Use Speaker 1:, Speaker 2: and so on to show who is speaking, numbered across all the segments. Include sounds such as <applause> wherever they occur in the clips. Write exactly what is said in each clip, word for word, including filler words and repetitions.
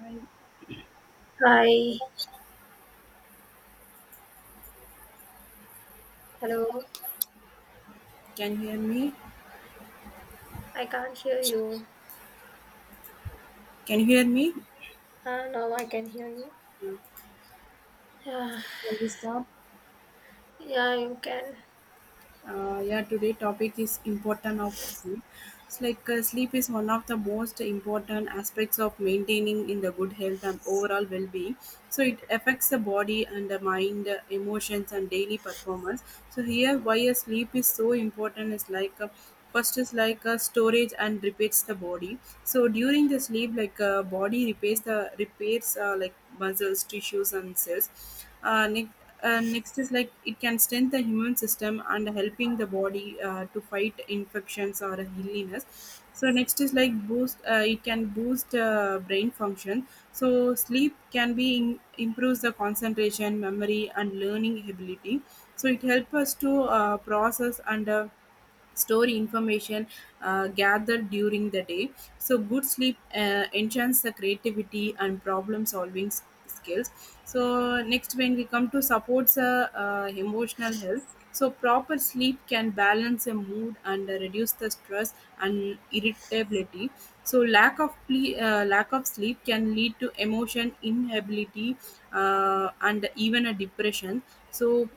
Speaker 1: Hi,
Speaker 2: Hi, hello,
Speaker 1: can hear me?
Speaker 2: I can't hear you.
Speaker 1: Can you hear me?
Speaker 2: Ah, now I can hear you. <sighs> yeah,
Speaker 1: Shall we start?
Speaker 2: yeah, you can.
Speaker 1: Uh, yeah, today topic is important of sleep. It's like uh, sleep is one of the most important aspects of maintaining in the good health and overall well-being. So it affects the body and the mind, uh, emotions and daily performance. So here, why a sleep is so important is like uh, first is like uh, storage and repairs the body. So during the sleep, like uh, body repairs the repairs uh, like muscles, tissues and cells. Uh, next, uh, next is like it can strengthen the human system and helping the body uh, to fight infections or illness. So next is like boost. Uh, it can boost uh, brain function. So sleep can be in, improves the concentration, memory, and learning ability. So it helps us to uh, process and uh, store information uh, gathered during the day. So, good sleep uh, enchants the creativity and problem solving s- skills. So, next, when we come to supports uh, uh, emotional health, so proper sleep can balance a mood and uh, reduce the stress and irritability. So, lack of ple- uh, lack of sleep can lead to emotion inability uh, and even a depression. So,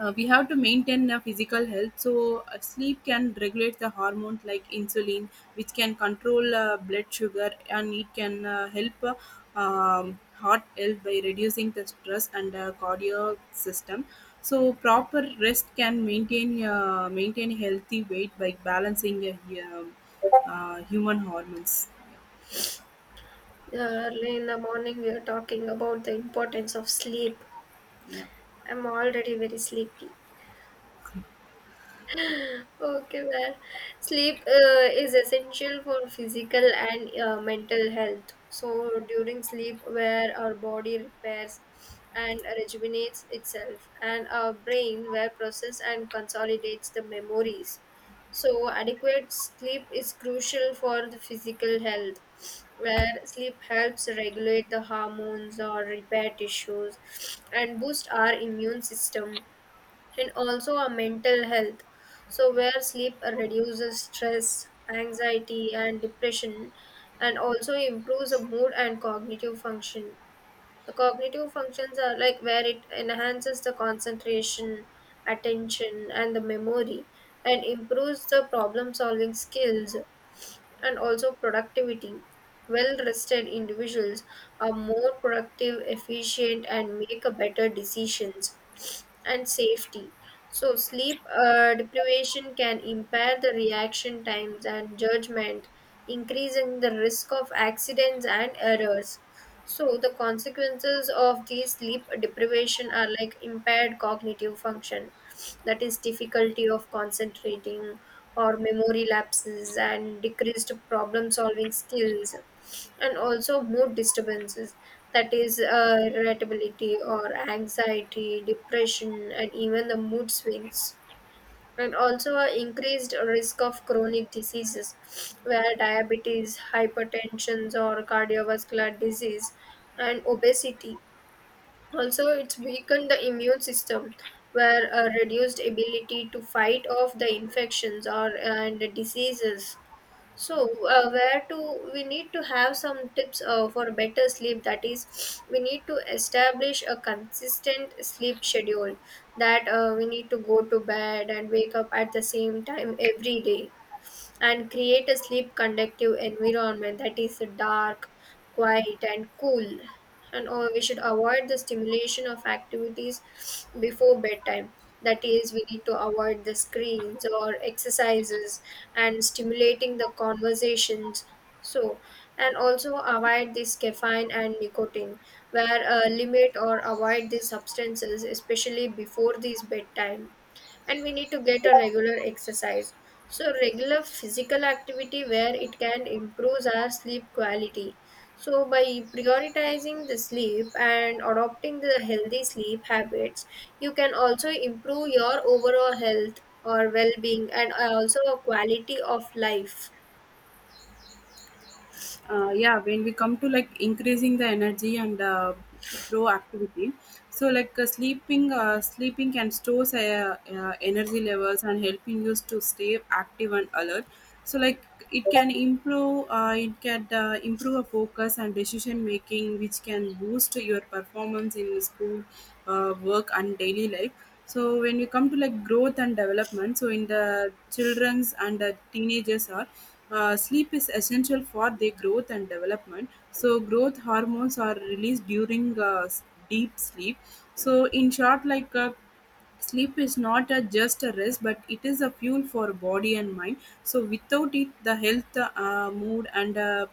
Speaker 1: uh, we have to maintain uh, physical health so uh, sleep can regulate the hormones like insulin which can control uh, blood sugar and it can uh, help uh, um, heart health by reducing the stress and uh, cardiac system. So proper rest can maintain uh, maintain healthy weight by balancing uh, hu- uh, human hormones.
Speaker 2: Yeah, early in the morning, we are talking about the importance of sleep.
Speaker 1: Yeah.
Speaker 2: I'm already very sleepy. Okay, well, sleep uh, is essential for physical and uh, mental health. So during sleep, where our body repairs and rejuvenates itself, and our brain where process and consolidates the memories. So adequate sleep is crucial for the physical health, where sleep helps regulate the hormones or repair tissues and boost our immune system and also our mental health. So, where sleep reduces stress, anxiety, and depression, and also improves the mood and cognitive function. The cognitive functions are like where it enhances the concentration, attention, and the memory, and improves the problem solving skills and also productivity. Well rested individuals are more productive, efficient, and make a better decisions and safety. So, sleep uh, deprivation can impair the reaction times and judgment, increasing the risk of accidents and errors. So, the consequences of these sleep deprivation are like impaired cognitive function, that is, difficulty of concentrating or memory lapses and decreased problem solving skills and also mood disturbances, that is uh, irritability or anxiety depression and even the mood swings, and also a increased risk of chronic diseases where diabetes hypertension or cardiovascular disease and obesity. Also it's weakened the immune system where a reduced ability to fight off the infections or and the diseases. So, uh, where to we need to have some tips uh, for better sleep. That is, we need to establish a consistent sleep schedule, that uh, we need to go to bed and wake up at the same time every day, and create a sleep conductive environment that is dark, quiet, and cool. And uh, we should avoid the stimulation of activities before bedtime. That is, we need to avoid the screens or exercises and stimulating the conversations. So, and also avoid this caffeine and nicotine, where uh, limit or avoid these substances, especially before this bedtime. And we need to get a regular exercise, so regular physical activity where it can improve our sleep quality. So by prioritizing the sleep and adopting the healthy sleep habits, you can also improve your overall health or well-being and also a quality of life.
Speaker 1: Uh, yeah when we come to like increasing the energy and uh, proactivity. So like uh, sleeping uh, sleeping can store uh, uh, energy levels and helping you to stay active and alert. So like it can improve uh, it can uh, improve a focus and decision making which can boost your performance in school, uh, work and daily life. So when you come to like growth and development, so in the children's and the teenagers are uh, sleep is essential for their growth and development. So growth hormones are released during uh, s- deep sleep. So in short, like uh, sleep is not a just a rest but it is a fuel for body and mind. So without it the health, uh, mood and uh,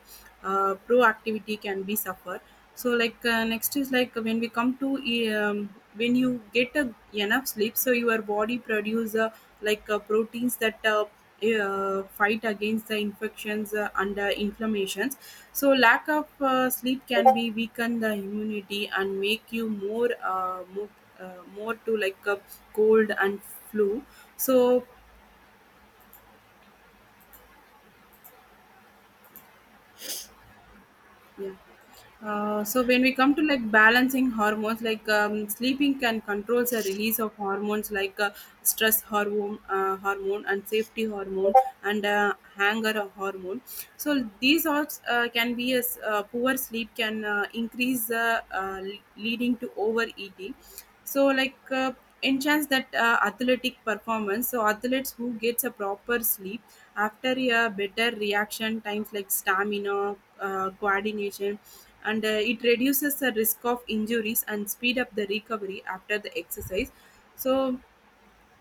Speaker 1: uh, proactivity can be suffer. So like uh, next is like when we come to e, um, when you get a, enough sleep so your body produce uh, like uh, proteins that uh, e, uh, fight against the infections uh, and uh, inflammations. So lack of uh, sleep can be weaken the immunity and make you more uh, more, uh, more to like a cold and flu. So yeah. Uh, so when we come to like balancing hormones like um, sleeping can controls the release of hormones like uh, stress hormone uh, hormone and safety hormone and uh, anger hormone. So these all uh, can be as uh, poor sleep can uh, increase uh, uh, le- leading to overeating. So like uh, enhance that uh, athletic performance, so athletes who gets a proper sleep after a better reaction times like stamina, uh, coordination and uh, it reduces the risk of injuries and speed up the recovery after the exercise. So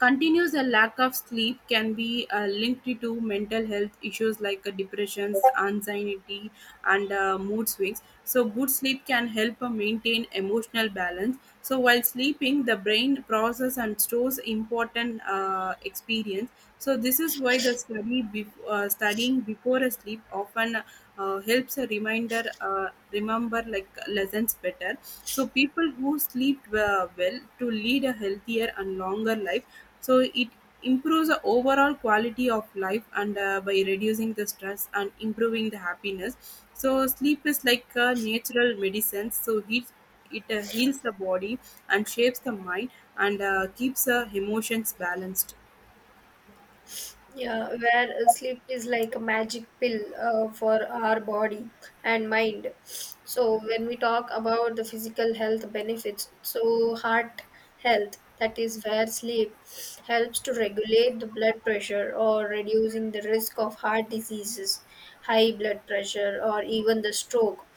Speaker 1: continuous a lack of sleep can be uh, linked to mental health issues like uh, depressions, anxiety, and uh, mood swings. So, good sleep can help uh, maintain emotional balance. So, while sleeping, the brain process and stores important uh, experience. So, this is why the study bef- uh, studying before a sleep often uh, helps a reminder uh, remember like lessons better. So, people who sleep uh, well to lead a healthier and longer life. So it improves the overall quality of life and uh, by reducing the stress and improving the happiness. So sleep is like a natural medicine, so it it uh, heals the body and shapes the mind and uh, keeps the emotions balanced.
Speaker 2: Yeah, where sleep is like a magic pill uh, for our body and mind. So when we talk about the physical health benefits, so heart health, that is where sleep helps to regulate the blood pressure or reducing the risk of heart diseases, high blood pressure or even the stroke.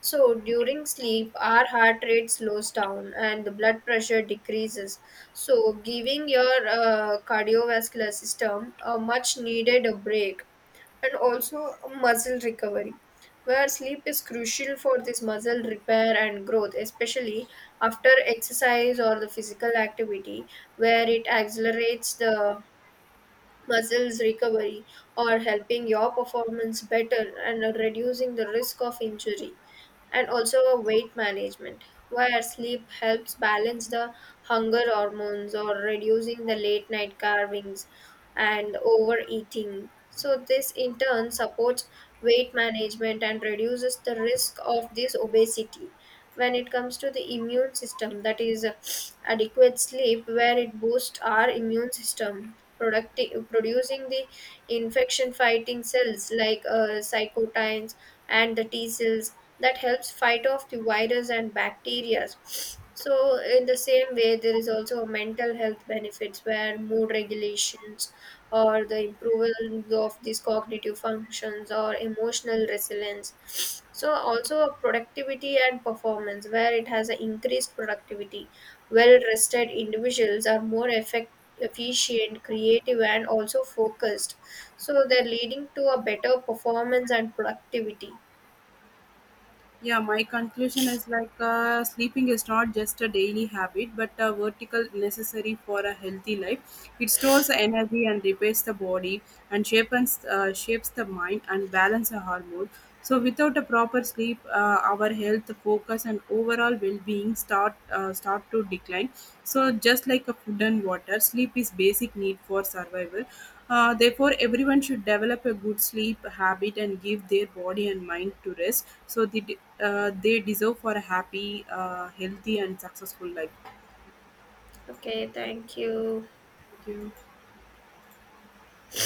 Speaker 2: So during sleep, our heart rate slows down and the blood pressure decreases. So giving your uh, cardiovascular system a much needed a break, and also muscle recovery. Where sleep is crucial for this muscle repair and growth, especially after exercise or the physical activity, where it accelerates the muscles recovery or helping your performance better and reducing the risk of injury, and also a weight management where sleep helps balance the hunger hormones or reducing the late night carvings and overeating. So this in turn supports weight management and reduces the risk of this obesity. When it comes to the immune system, that is adequate sleep where it boosts our immune system producti- producing the infection fighting cells like uh, cytokines and the t cells that helps fight off the virus and bacteria. So in the same way there is also a mental health benefits where mood regulations or the improvement of these cognitive functions or emotional resilience, so also productivity and performance where it has an increased productivity. Well rested individuals are more effect, efficient, creative, and also focused. So they're leading to a better performance and productivity.
Speaker 1: Yeah, my conclusion is like uh, sleeping is not just a daily habit, but a vertical necessary for a healthy life. It stores the energy and repairs the body, and shapes uh, shapes the mind and balance the hormone. So, without a proper sleep, uh, our health, focus, and overall well-being start uh, start to decline. So, just like a food and water, sleep is basic need for survival. Uh, therefore, everyone should develop a good sleep habit and give their body and mind to rest so the, uh, they deserve for a happy, uh, healthy, and successful life.
Speaker 2: Okay, thank you.
Speaker 1: Thank you.